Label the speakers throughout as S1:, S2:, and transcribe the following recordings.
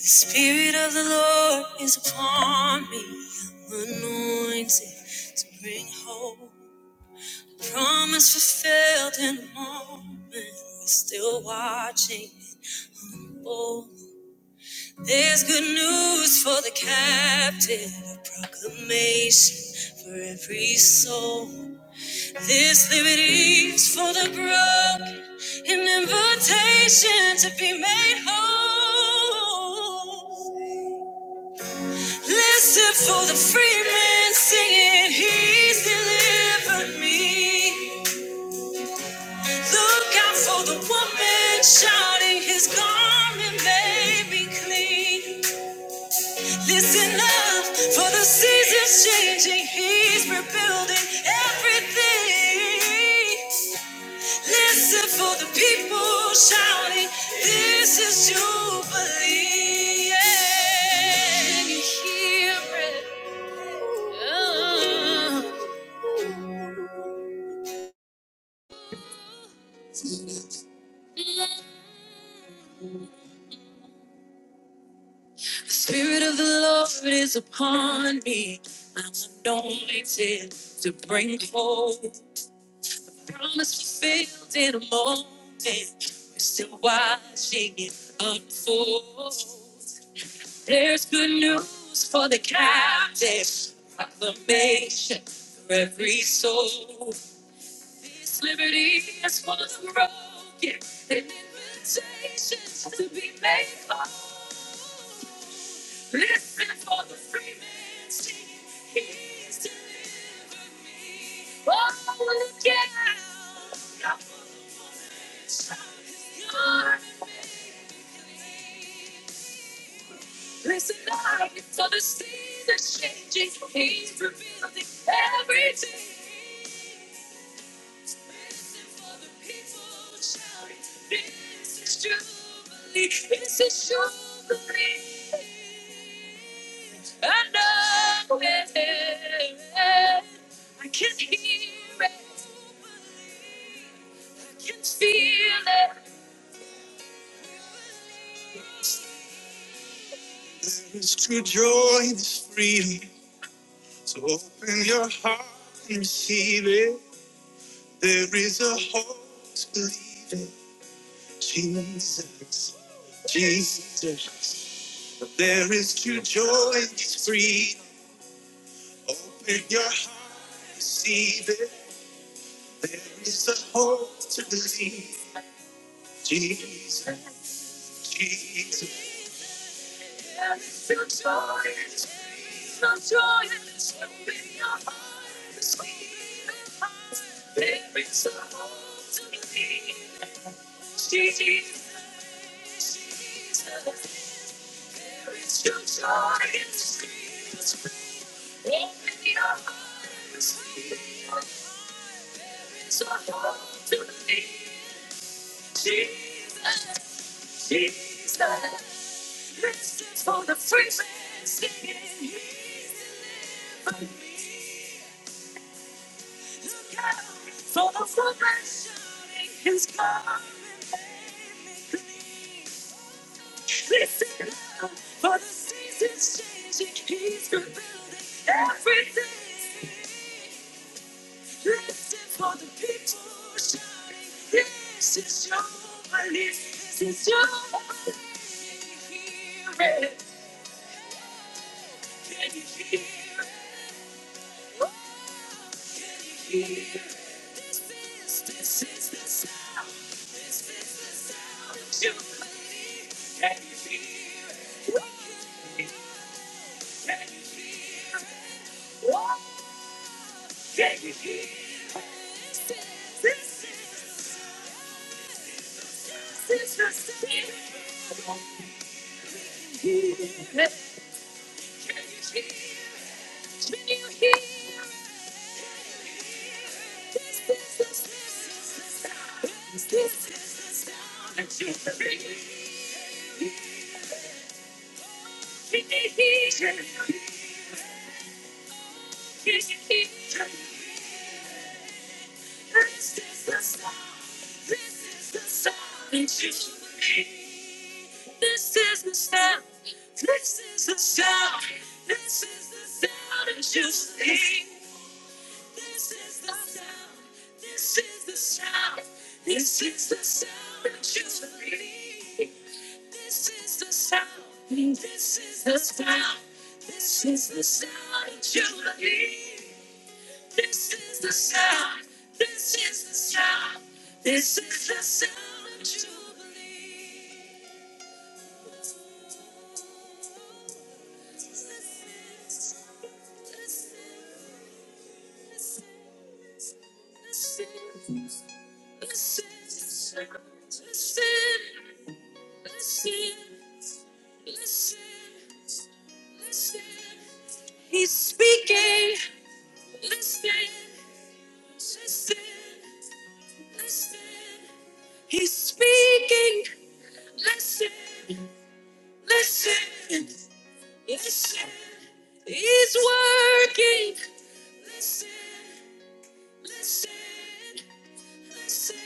S1: The Spirit of the Lord is upon me, I'm anointed to bring hope. Promise fulfilled in the moment, we're still watching. and bold. there's good news for the captive, a proclamation for every soul. This liberty's for the broken, an invitation to be made whole. Listen for the free man singing, He's delivered me. Look out for the woman shouting, His garment may be clean. Listen up for the seasons changing, He's rebuilding everything. Listen for the people shouting, This is Jubilee. Yeah, you hear it. Yeah. The Spirit of the Lord is upon me. I'm anointed to bring hope. Promise fulfilled in a moment. We're still watching it unfold. There's good news for the captive. Proclamation for every soul. His liberty is for the broken. An invitation to be made whole. Listen for the freeman singing. He's delivering. Oh, look out! God's calling. Listen up for the seasons changing. He's revealing everything. Listen for the people shouting. This is jubilee. This is jubilee. And I I can hear it. I can feel it. There's true joy, there's freedom. So open your heart and receive it. There is a hope to believe it. Jesus, Jesus. There is true joy, there's freedom. Open your heart, and receive it. There is a hope to believe. Jesus, Jesus. Yes, your joy is free. Your joy is free. Your heart is free. your heart, There is a hope to believe. Jesus, Jesus. There is your joy is free. It's free. Open your heart. There is a hope to believe. Jesus, Jesus. This is for the free man singing. here. So the salvation is coming. This is love, for the season's changing. He's rebuilding everything. This is for the people shouting. This is your belief. This is your belief. Can you hear it? Can you hear it? Can you hear it? This is the sound. This is the sound that you believe. This is the sound. This is the sound. This is the sound that you sing. This is the sound. This is the sound. This is the sound that you believe. This is the sound. This is the sound. This is the sound that you believe. This is the sound. This is the sound. This is the sound of Jubilee. Listen. Listen. Listen. Listen. Listen. He's speaking. Listen, listen, listen. He's speaking. Listen, listen, listen. He's working. Listen, listen, listen.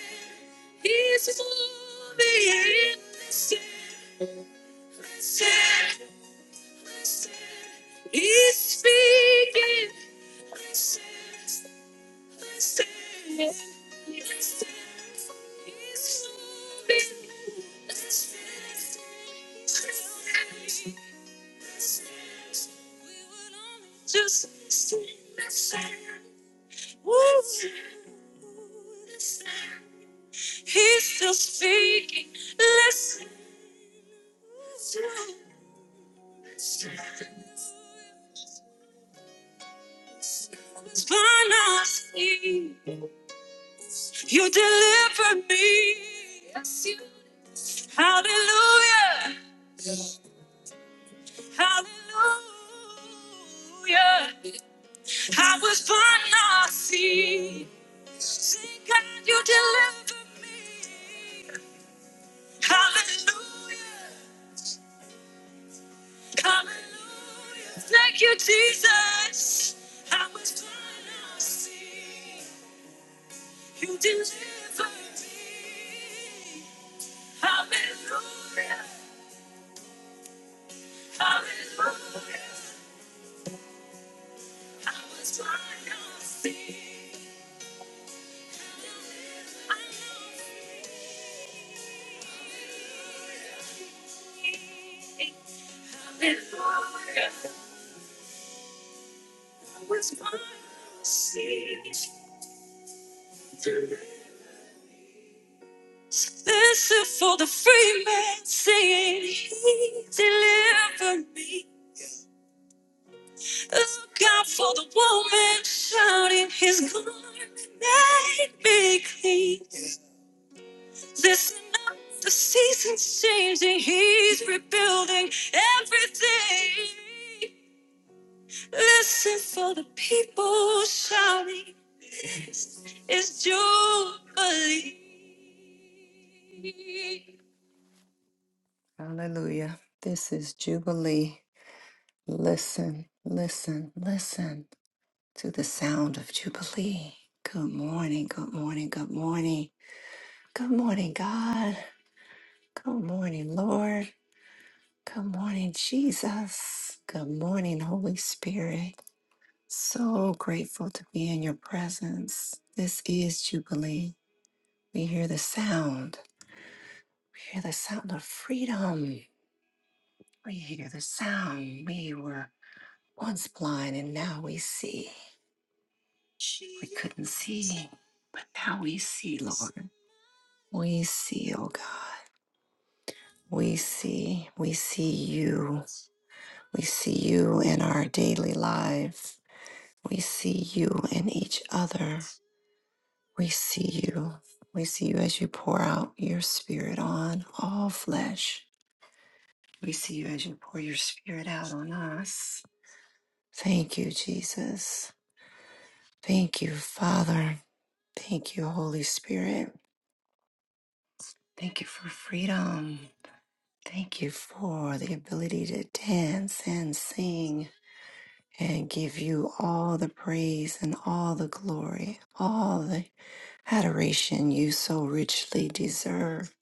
S1: He's moving. Listen, listen, listen. He's speaking. Listen. You deliver me. Yes, you. Hallelujah. Hallelujah. I was born not seen. Sing God, you deliver me. Hallelujah. Hallelujah. Thank you, Jesus. I was born not seen. You deliver me. Hallelujah. Hallelujah. This is for the free man singing, He delivered me. Look out for the woman shouting, His garment made me clean. Listen up, the season's changing, He's rebuilding everything. Listen for the people shouting, it's Jubilee. Hallelujah. This is Jubilee. Listen, listen, listen to the sound of Jubilee. Good morning, good morning, good morning. Good morning, God. Good morning, Lord. Good morning, Jesus. Good morning, Holy Spirit. So grateful to be in your presence. This is Jubilee. We hear the sound. We hear the sound of freedom. We hear the sound. We were once blind and now we see. We couldn't see, but now we see, Lord. We see, oh God. We see. We see you. We see you in our daily lives. We see you in each other. We see you. We see you as you pour out your spirit on all flesh. We see you as you pour your spirit out on us. Thank you, Jesus. Thank you, Father. Thank you, Holy Spirit. Thank you for freedom. Thank you for the ability to dance and sing and give you all the praise and all the glory, all the adoration you so richly deserve.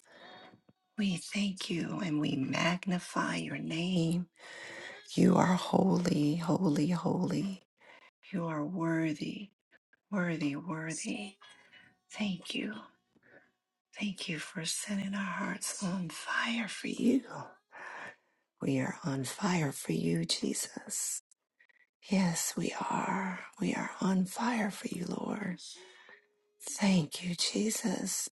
S1: We thank you and we magnify your name. You are holy, holy, holy. You are worthy, worthy, worthy. Thank you. Thank you for setting our hearts on fire for you. We are on fire for you, Jesus. Yes, we are. We are on fire for you, Lord. Thank you, Jesus.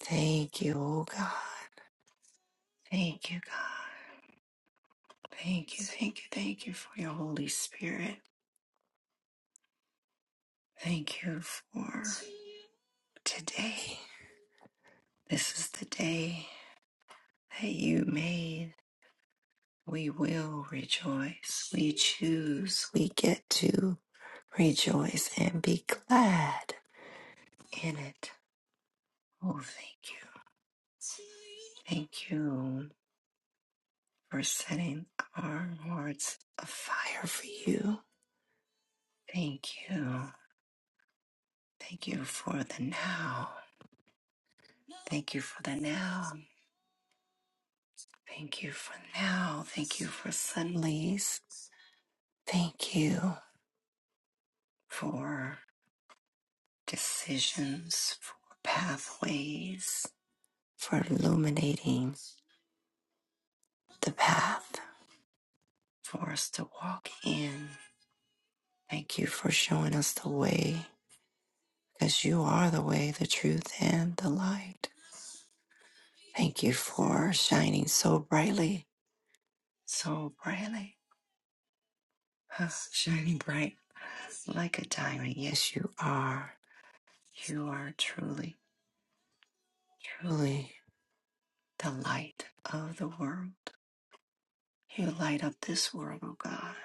S1: Thank you, oh God. Thank you, God. Thank you, thank you, thank you for your Holy Spirit. Thank you for today. This is the day that you made. We will rejoice. We choose. We get to rejoice and be glad in it. Oh, thank you. Thank you for setting our hearts afire for you. Thank you. Thank you for the now. Thank you for the now. Thank you for now. Thank you for suddenlies. Thank you for decisions, for pathways. for illuminating the path for us to walk in. Thank you for showing us the way because you are the way, the truth, and the light. Thank you for shining so brightly, so brightly, huh, shining bright like a diamond. Yes, you are. You are truly, truly the light of the world. You light up this world, oh God.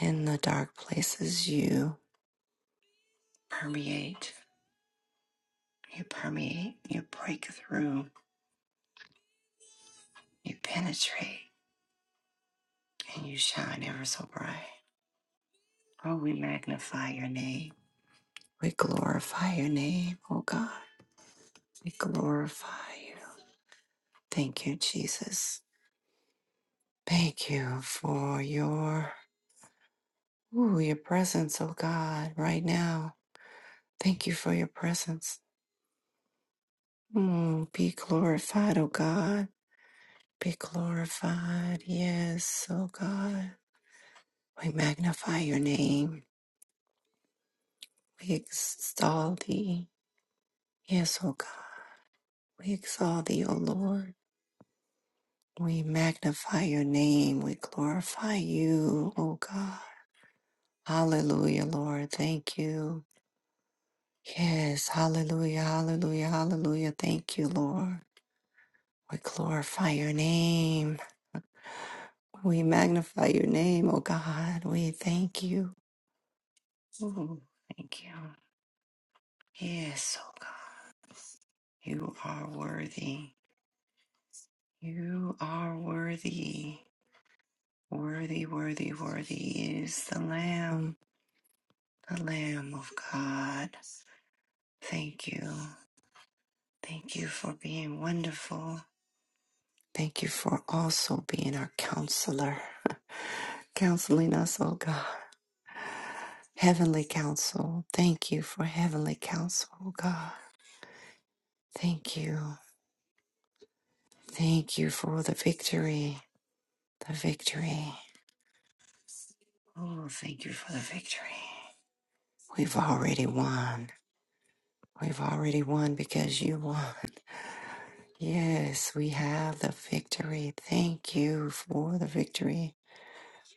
S1: In the dark places, you permeate. You permeate, you break through, you penetrate, and you shine ever so bright. Oh, we magnify your name. We glorify your name, oh God. We glorify you. Thank you, Jesus. Thank you for your ooh, your presence, oh God, right now. Thank you for your presence. Mm, be glorified, oh God. Be glorified, yes, oh God. We magnify your name. We extol thee. Yes, O God. We exalt thee, O Lord. We magnify your name. We glorify you, O God. Hallelujah, Lord. Thank you. Yes, hallelujah, hallelujah, hallelujah. Thank you, Lord. We glorify your name. We magnify your name, O God. We thank you. Ooh, thank you. Yes, O God. You are worthy. You are worthy. Worthy, worthy, worthy is the Lamb, the Lamb of God. Thank you. Thank you for being wonderful. Thank you for also being our counselor, counseling us, oh God. Heavenly counsel. Thank you for heavenly counsel, oh God. Thank you. Thank you for the victory, the victory. Oh, thank you for the victory. We've already won. We've already won because you won. Yes, we have the victory. Thank you for the victory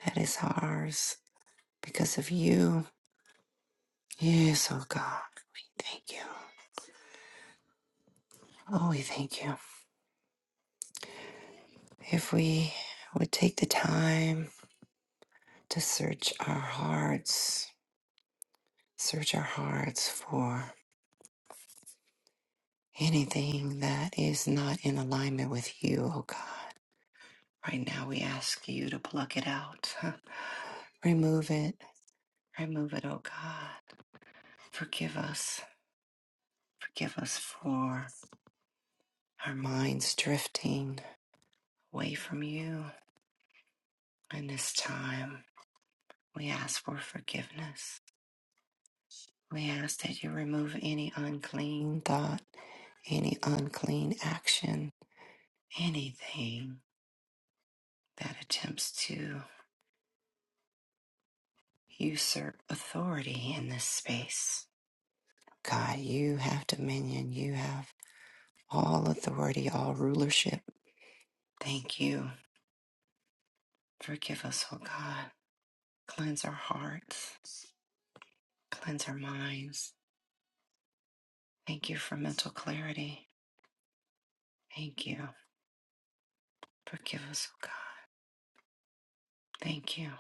S1: that is ours because of you. Yes, oh God, we thank you. Oh, we thank you. If we would take the time to search our hearts, search our hearts for anything that is not in alignment with you, oh God. Right now, we ask you to pluck it out. Remove it. Remove it, oh God. Forgive us. Forgive us for our minds drifting away from you in this time. We ask for forgiveness. We ask that you remove any unclean thought, any unclean action, anything that attempts to usurp authority in this space. God, you have dominion. You have all authority, all rulership. Thank you. Forgive us, oh God. Cleanse our hearts. Cleanse our minds Thank you for mental clarity. Thank you. Forgive us, oh God. Thank you.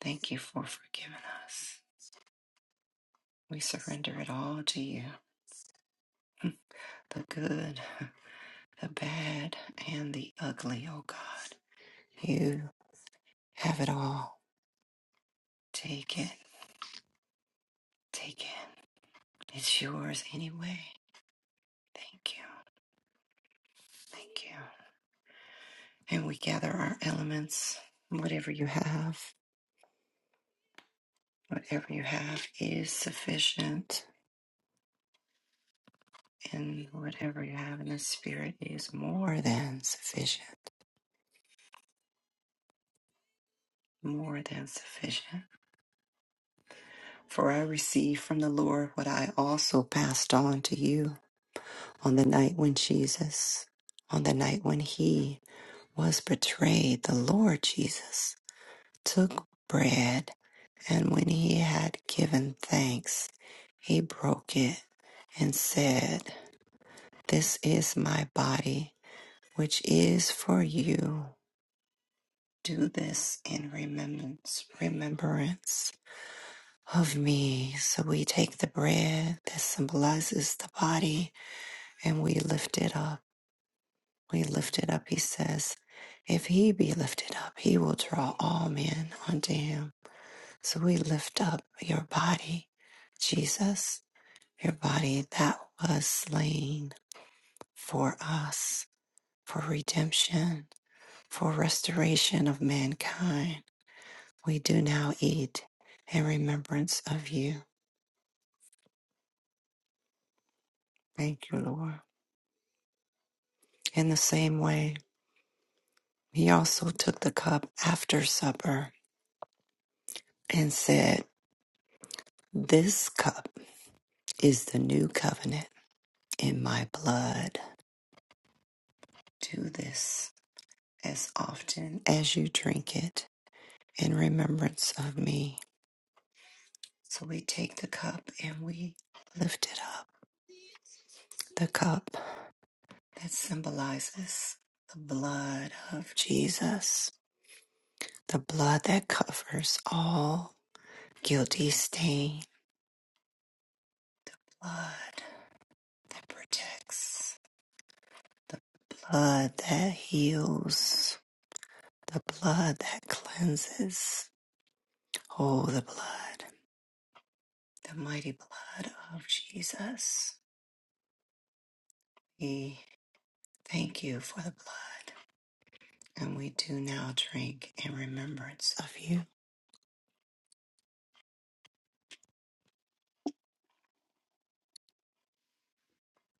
S1: Thank you for forgiving us. We surrender it all to you the good, the bad, and the ugly, oh God. You have it all. Take it. Take it. It's yours anyway. Thank you. Thank you. And we gather our elements. Whatever you have, whatever you have is sufficient. And whatever you have in the Spirit is more than sufficient, more than sufficient. For I received from the Lord what I also passed on to you on the night when Jesus, on the night when he was betrayed, the Lord Jesus took bread, and when he had given thanks, he broke it and said, This is my body, which is for you. Do this in remembrance, remembrance of me. So we take the bread that symbolizes the body and we lift it up. We lift it up, he says. If he be lifted up, he will draw all men unto him. So we lift up your body, Jesus, your body that was slain for us, for redemption, for restoration of mankind We do now eat in remembrance of you. Thank you, Lord. In the same way, he also took the cup after supper and said, This cup is the new covenant in my blood. Do this as often as you drink it in remembrance of me. So we take the cup and we lift it up. The cup that symbolizes the blood of Jesus The blood that covers all guilty stain. Blood that protects. Blood that heals. The blood that cleanses. Oh, the blood. The mighty blood of Jesus. We thank you for the blood. And we do now drink in remembrance of you.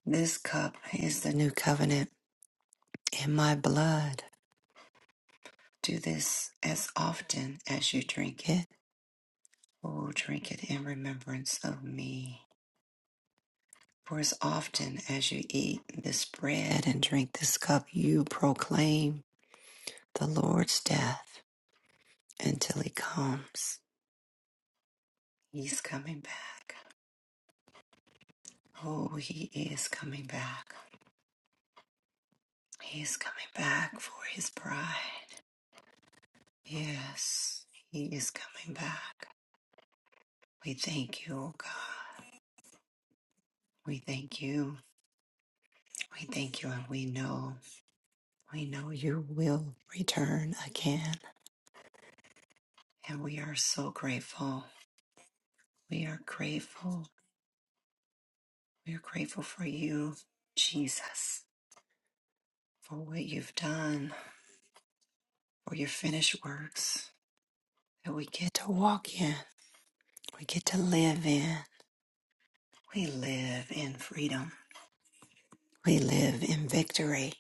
S1: This cup is the new covenant in my blood. Do this as often as you drink it Oh, drink it in remembrance of me. For as often as you eat this bread and drink this cup, you proclaim the Lord's death until he comes. He's coming back. Oh, he is coming back. He's coming back for his bride. Yes, he is coming back. We thank you, oh God. We thank you. We thank you, and we know, we know you will return again. And we are so grateful. We are grateful. We are grateful for you, Jesus, for what you've done, for your finished works that we get to walk in. We get to live in. We live in freedom. We live in victory.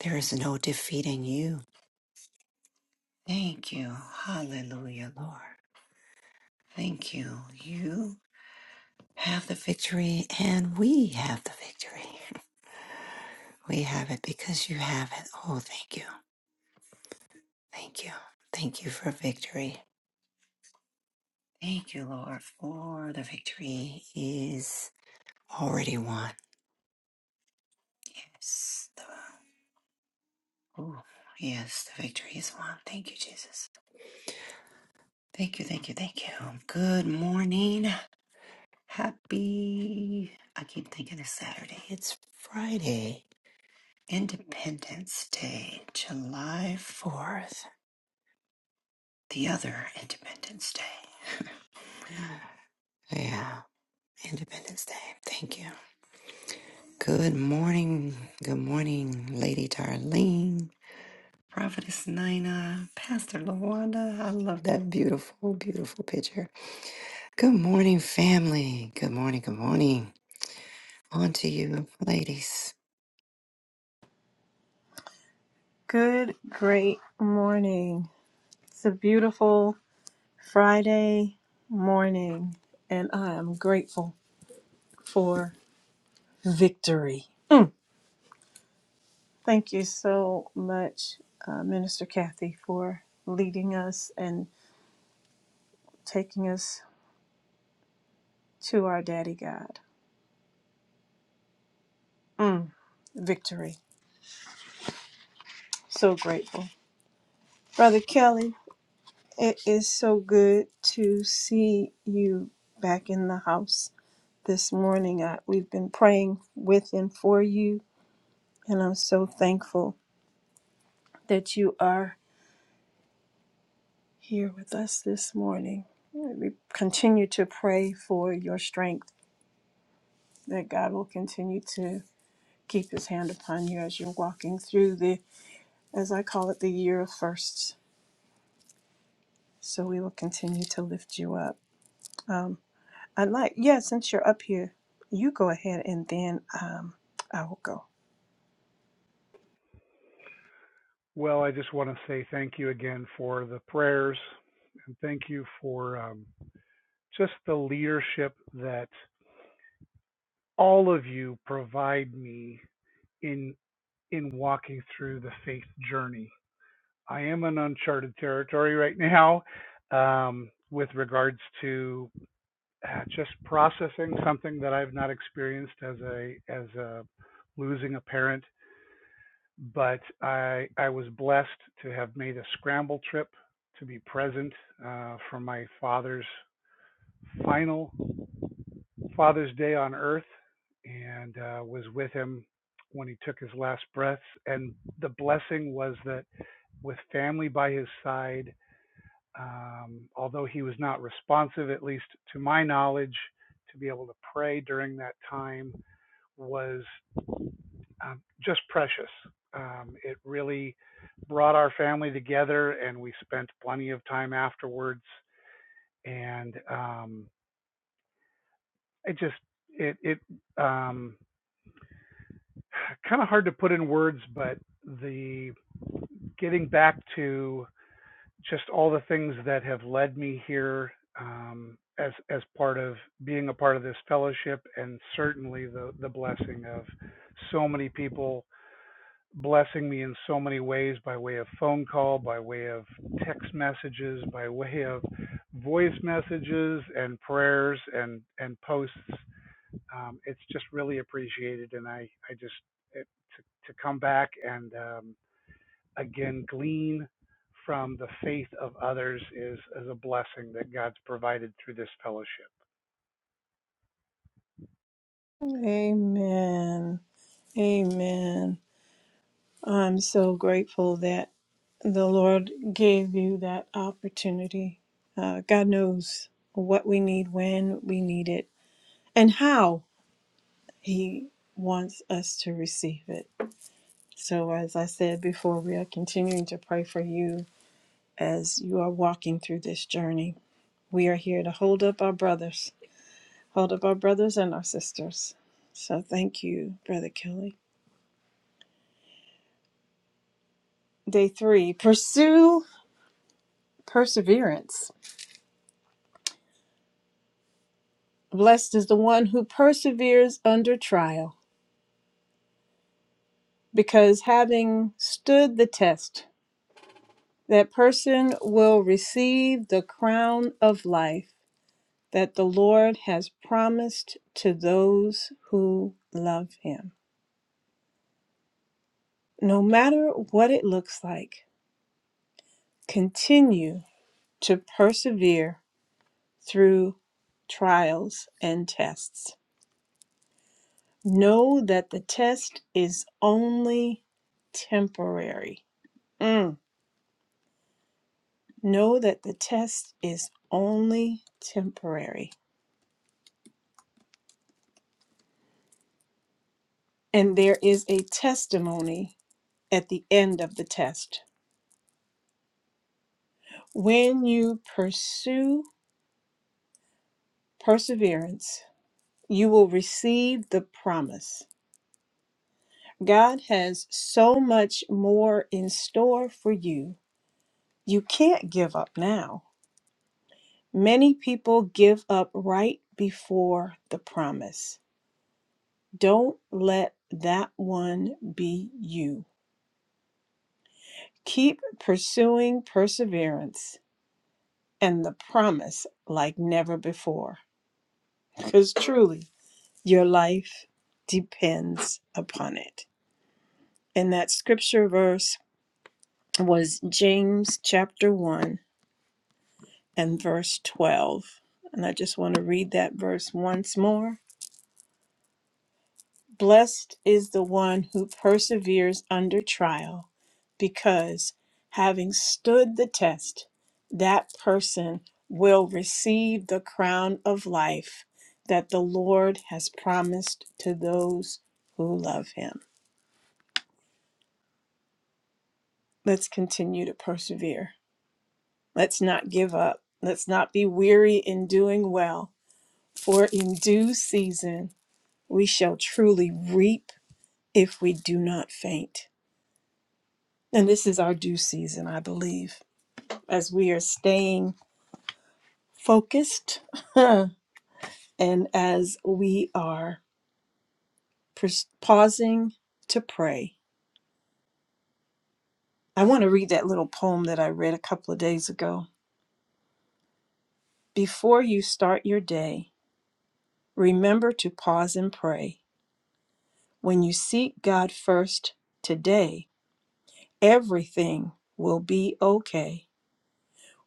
S1: There is no defeating you. Thank you. Hallelujah, Lord. Thank you. You have the victory, and we have the victory. We have it because you have it. Oh, thank you. Thank you. Thank you for victory. Thank you, Lord, for the victory is already won. Yes, the, ooh, yes, the victory is won. Thank you, Jesus. Thank you, thank you, thank you. Good morning. Happy, I keep thinking it's Saturday. It's Friday. Independence Day, July 4th. The other Independence Day. Yeah, Independence Day. Thank you. Good morning. Good morning, Lady Darlene, Prophetess Nina, Pastor Lawanda. I love that beautiful, beautiful picture. Good morning, family. Good morning. Good morning. On to you, ladies.
S2: Good, great morning. It's a beautiful Friday morning, and I am grateful for victory. Thank you so much, uh, Minister Kathy, for leading us and taking us to our Daddy God. Mm, victory. So grateful. Brother Kelly, It is so good to see you back in the house this morning. I, we've been praying with and for you, and I'm so thankful that you are here with us this morning. We continue to pray for your strength, that God will continue to keep his hand upon you as you're walking through the, as I call it, the year of firsts. So we will continue to lift you up. Um, I'd like, yeah, since you're up here, you go ahead and then um, I will go.
S3: Well, I just want to say thank you again for the prayers and thank you for um, just the leadership that all of you provide me in in walking through the faith journey. I am in uncharted territory right now um, with regards to uh, just processing something that I've not experienced as a as a losing a parent but I I was blessed to have made a scramble trip to be present uh, for my father's final Father's Day on Earth, and uh, was with him when he took his last breaths. And the blessing was that with family by his side, um, although he was not responsive, at least to my knowledge, to be able to pray during that time was um, just precious. Um, it really brought our family together, and we spent plenty of time afterwards. And um, it just it it um, kind of hard to put in words, but the getting back to just all the things that have led me here um, as as part of being a part of this fellowship, and certainly the the blessing of so many people blessing me in so many ways by way of phone call, by way of text messages, by way of voice messages and prayers and and posts. Um, it's just really appreciated, and I I just it, to to come back and um, again glean from the faith of others is is a blessing that God's provided through this fellowship.
S2: Amen. Amen. I'm so grateful that the Lord gave you that opportunity. Uh, God knows what we need, when we need it, and how He wants us to receive it. So, as I said before, we are continuing to pray for you as you are walking through this journey. We are here to hold up our brothers hold of our brothers and our sisters. So thank you, Brother Kelly. Day three pursue perseverance. Blessed is the one who perseveres under trial, because having stood the test, that person will receive the crown of life that the Lord has promised to those who love him. No matter what it looks like, continue to persevere through trials and tests. Know that the test is only temporary. Mm. Know that the test is only temporary. And there is a testimony at the end of the test. When you pursue perseverance, you will receive the promise. God has so much more in store for you. You can't give up now. Many people give up right before the promise. Don't let that one be you. Keep pursuing perseverance and the promise like never before, because truly your life depends upon it. And that scripture verse was James chapter 1 and verse 12. And I just want to read that verse once more Blessed is the one who perseveres under trial, because having stood the test, that person will receive the crown of life that the Lord has promised to those who love him. Let's continue to persevere. Let's not give up. Let's not be weary in doing well, for in due season we shall truly reap if we do not faint. And this is our due season, I believe, as we are staying focused and as we are pers- pausing to pray. I want to read that little poem that I read a couple of days ago. Before you start your day, remember to pause and pray. When you seek God first today, everything will be okay.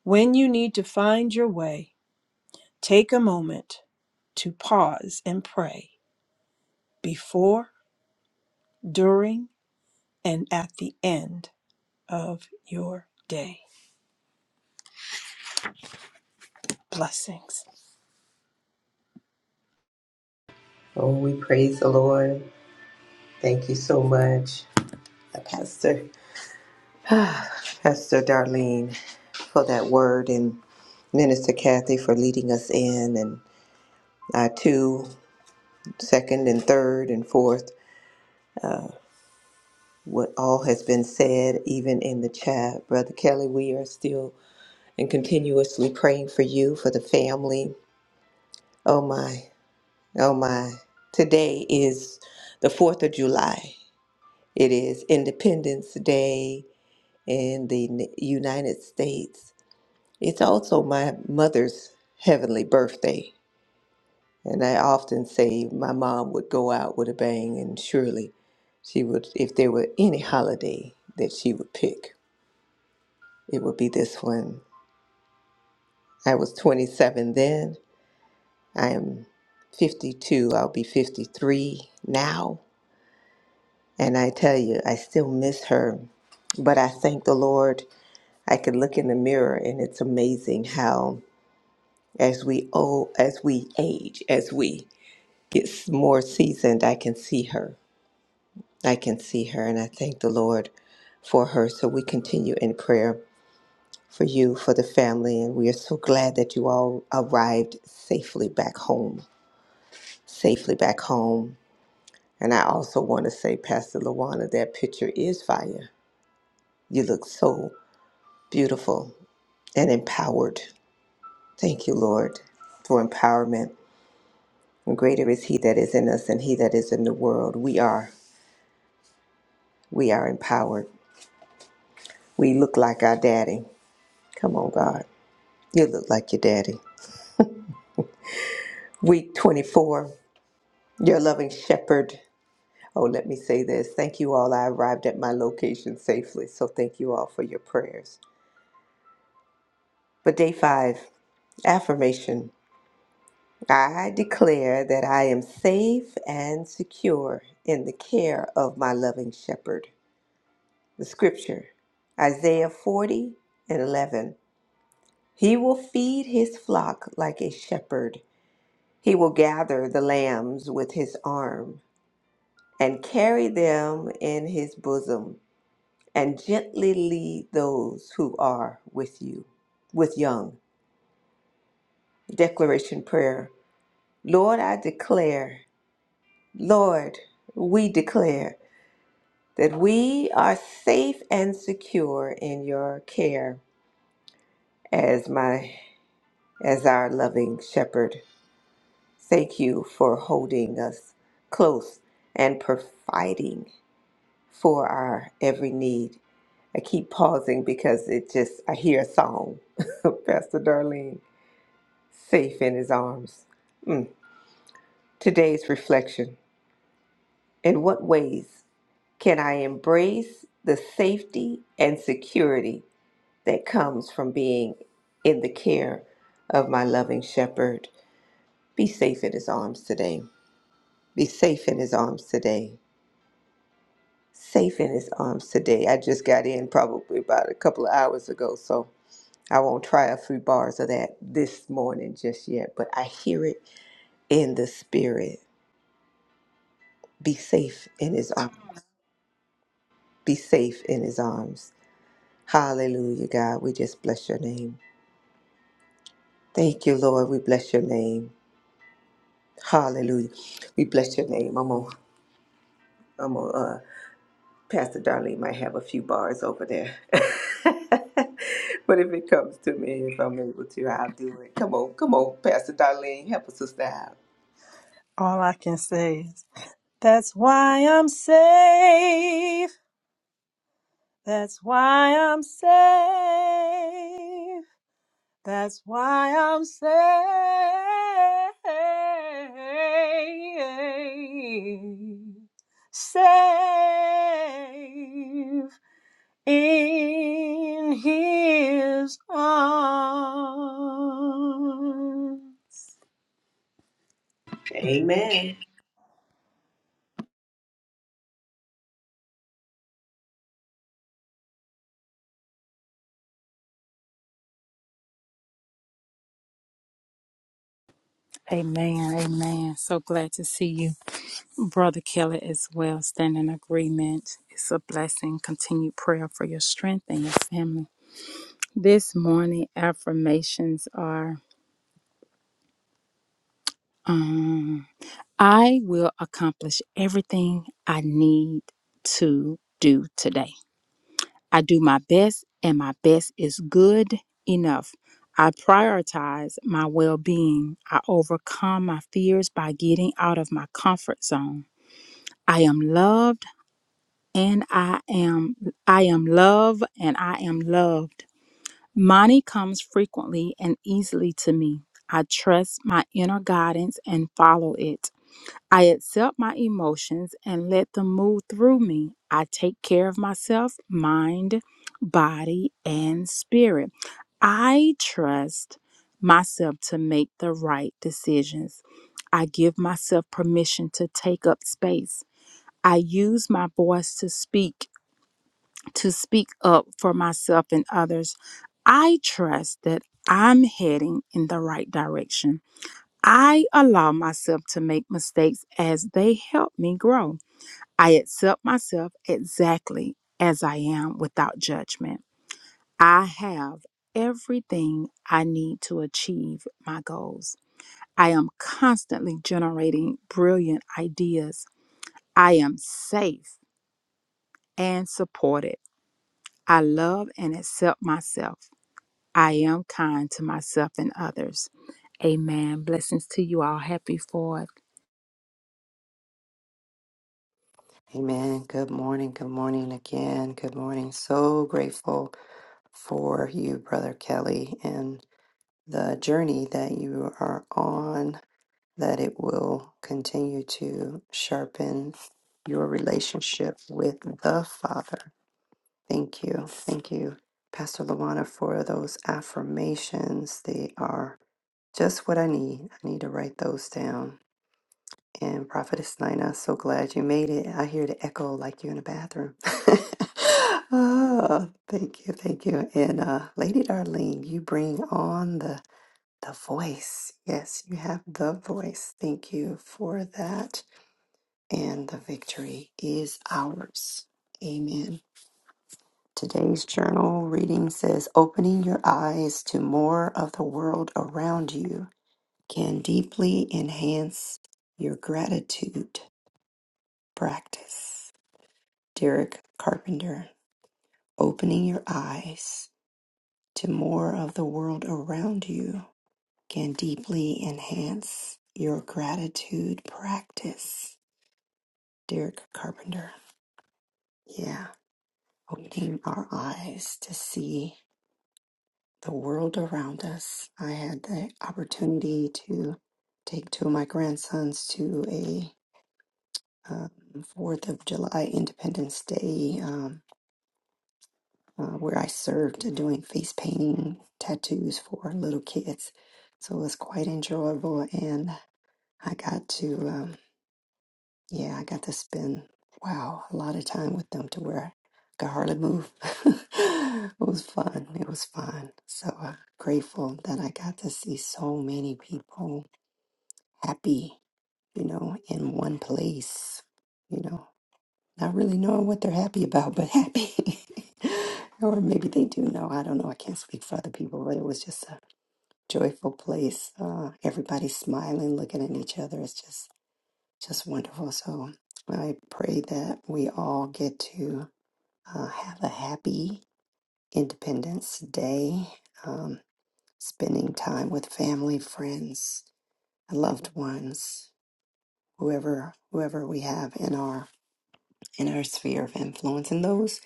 S2: When you need to find your way, take a moment to pause and pray. before, during, and at the end of your day. Blessings.
S4: Oh, we praise the Lord. Thank you so much, uh, Pastor Pastor Darlene, for that word, and Minister Kathy for leading us in, and I too, second and third and fourth, what all has been said, even in the chat, Brother Kelly. We are still and continuously praying for you, for the family. Oh my, oh my! Today is the Fourth of July. It is Independence Day in the N- United States It's also my mother's heavenly birthday. And I often say my mom would go out with a bang, and surely she would, if there were any holiday that she would pick, it would be this one. I was 27 then. I am 52. I'll be 53 now. And I tell you, I still miss her. But I thank the Lord. I can look in the mirror, and it's amazing how, as we oh, as we age, as we gets more seasoned, I can see her. I can see her, and I thank the Lord for her. So we continue in prayer for you, for the family, and we are so glad that you all arrived safely back home. Safely back home. And I also want to say, Pastor Lawana, that picture is fire. You look so beautiful and empowered. Thank you, Lord, for empowerment. And greater is He that is in us than He that is in the world. We are, we are empowered. We look like our daddy. Come on, God. You look like your daddy. Week 24, your loving shepherd. Oh, let me say this. Thank you all. I arrived at my location safely, so thank you all for your prayers. But day five, affirmation. I declare that I am safe and secure in the care of my loving shepherd. The scripture, Isaiah 40 and 11. He will feed his flock like a shepherd. He will gather the lambs with his arm and carry them in his bosom, and gently lead those who are with you, with young. Declaration prayer. Lord, I declare, Lord, we declare that we are safe and secure in your care as my as our loving shepherd. Thank you for holding us close and providing. for our every need. I keep pausing because it just, I hear a song. Pastor Darlene, safe in his arms. Mm. Today's reflection In what ways can I embrace the safety and security that comes from being in the care of my loving shepherd? Be safe in his arms today. Be safe in his arms today. Safe in his arms today. I just got in probably about a couple of hours ago, so. I won't try a few bars of that this morning just yet, but I hear it in the spirit. Be safe in his arms. Be safe in his arms. Hallelujah, God. We just bless your name. Thank you, Lord. We bless your name. Hallelujah. We bless your name. I'm on I'm on uh Pastor Darlene might have a few bars over there. but if it comes to me, if I'm able to, I'll do it. Come on, come on, Pastor Darlene, help us sister out.
S2: All I can say is, that's why I'm safe. That's why I'm safe. That's why I'm safe. Safe. in his arms.
S4: Amen.
S5: Amen. Amen. So glad to see you, Brother Kelly, as well. Stand in agreement. It's a blessing. Continued prayer for your strength and your family. This morning, affirmations are um, I will accomplish everything I need to do today. I do my best, and my best is good enough. I prioritize my well being. I overcome my fears by getting out of my comfort zone. I am loved and I am I am love and I am loved. Money comes frequently and easily to me. I trust my inner guidance and follow it. I accept my emotions and let them move through me. I take care of myself, mind, body, and spirit. I trust myself to make the right decisions. I give myself permission to take up space. I use my voice to speak, to speak up for myself and others. I trust that I'm heading in the right direction. I allow myself to make mistakes as they help me grow. I accept myself exactly as I am without judgment. I have everything I need to achieve my goals. I am constantly generating brilliant ideas. I am safe and supported. I love and accept myself. I am kind to myself and others. Amen. Blessings to you all. Happy Fourth.
S1: Amen. Good morning. Good morning again. Good morning. So grateful for you, Brother Kelly, and the journey that you are on. that it will continue to sharpen your relationship with the Father. Thank you. Thank you, Pastor Luana, for those affirmations. They are just what I need. I need to write those down. And Prophetess Nina, so glad you made it. I hear the echo like you're in the bathroom. oh, thank you, thank you. And uh, Lady Darlene, you bring on the the voice. Yes, you have the voice. Thank you for that. And the victory is ours. Amen. Today's journal reading says opening your eyes to more of the world around you can deeply enhance your gratitude practice. Derek Carpenter, opening your eyes to more of the world around you can deeply enhance your gratitude practice. Derek Carpenter. Yeah, opening our eyes to see the world around us. I had the opportunity to take two of my grandsons to a um, Fourth of July Independence Day um, uh, where I served doing face painting tattoos for little kids. So it was quite enjoyable, and I got to. um, Yeah, I got to spend, wow, a lot of time with them to where I could hardly move. it was fun. It was fun. So uh, grateful that I got to see so many people happy, you know, in one place, you know, not really knowing what they're happy about, but happy. or maybe they do know. I don't know. I can't speak for other people, but it was just a joyful place. Uh, everybody smiling, looking at each other. It's just just wonderful. So I pray that we all get to uh, have a happy Independence Day, um, spending time with family, friends, and loved ones, whoever whoever we have in our in our sphere of influence, and those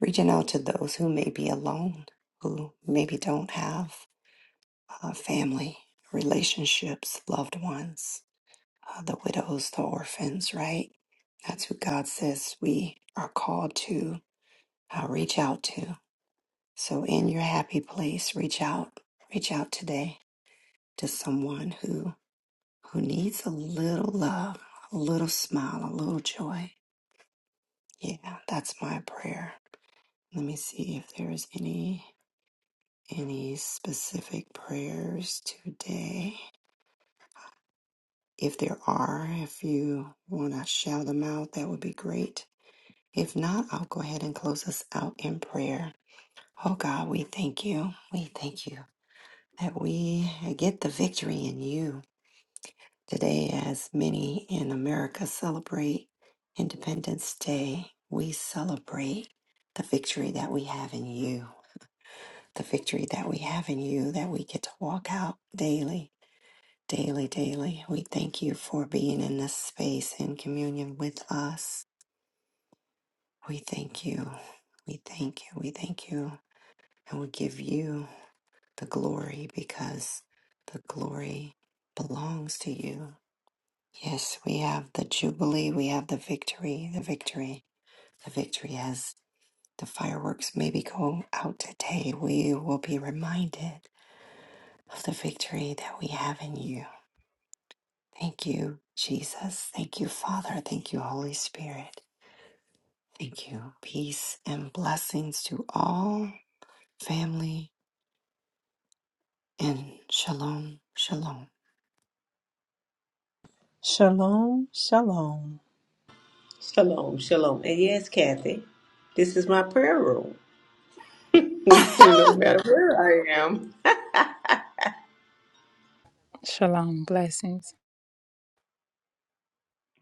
S1: reaching out to those who may be alone, who maybe don't have uh, family, relationships, loved ones uh, the widows, the orphans, right? That's who God says we are called to uh, reach out to. So in your happy place, reach out, reach out today to someone who who needs a little love, a little smile, a little joy. Yeah, that's my prayer. Let me see if there's any any specific prayers today. If there are, if you want to shout them out, that would be great. If not, I'll go ahead and close us out in prayer. Oh God, we thank you. We thank you that we get the victory in you today, as many in America celebrate Independence Day. We celebrate the victory that we have in you, the victory that we have in you that we get to walk out daily, daily, daily. We thank you for being in this space in communion with us. We thank you. We thank you. We thank you. And we give you the glory because the glory belongs to you. Yes, we have the jubilee, we have the victory, the victory, the victory as the fireworks maybe go out today. We will be reminded of the victory that we have in you. Thank you, Jesus. Thank you, Father. Thank you, Holy Spirit. Thank you. Peace and blessings to all family and shalom, shalom.
S2: Shalom, shalom.
S4: Shalom, shalom. And yes, Kathy, this is my prayer room. no matter where I am.
S5: Shalom. Blessings.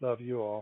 S3: Love you all.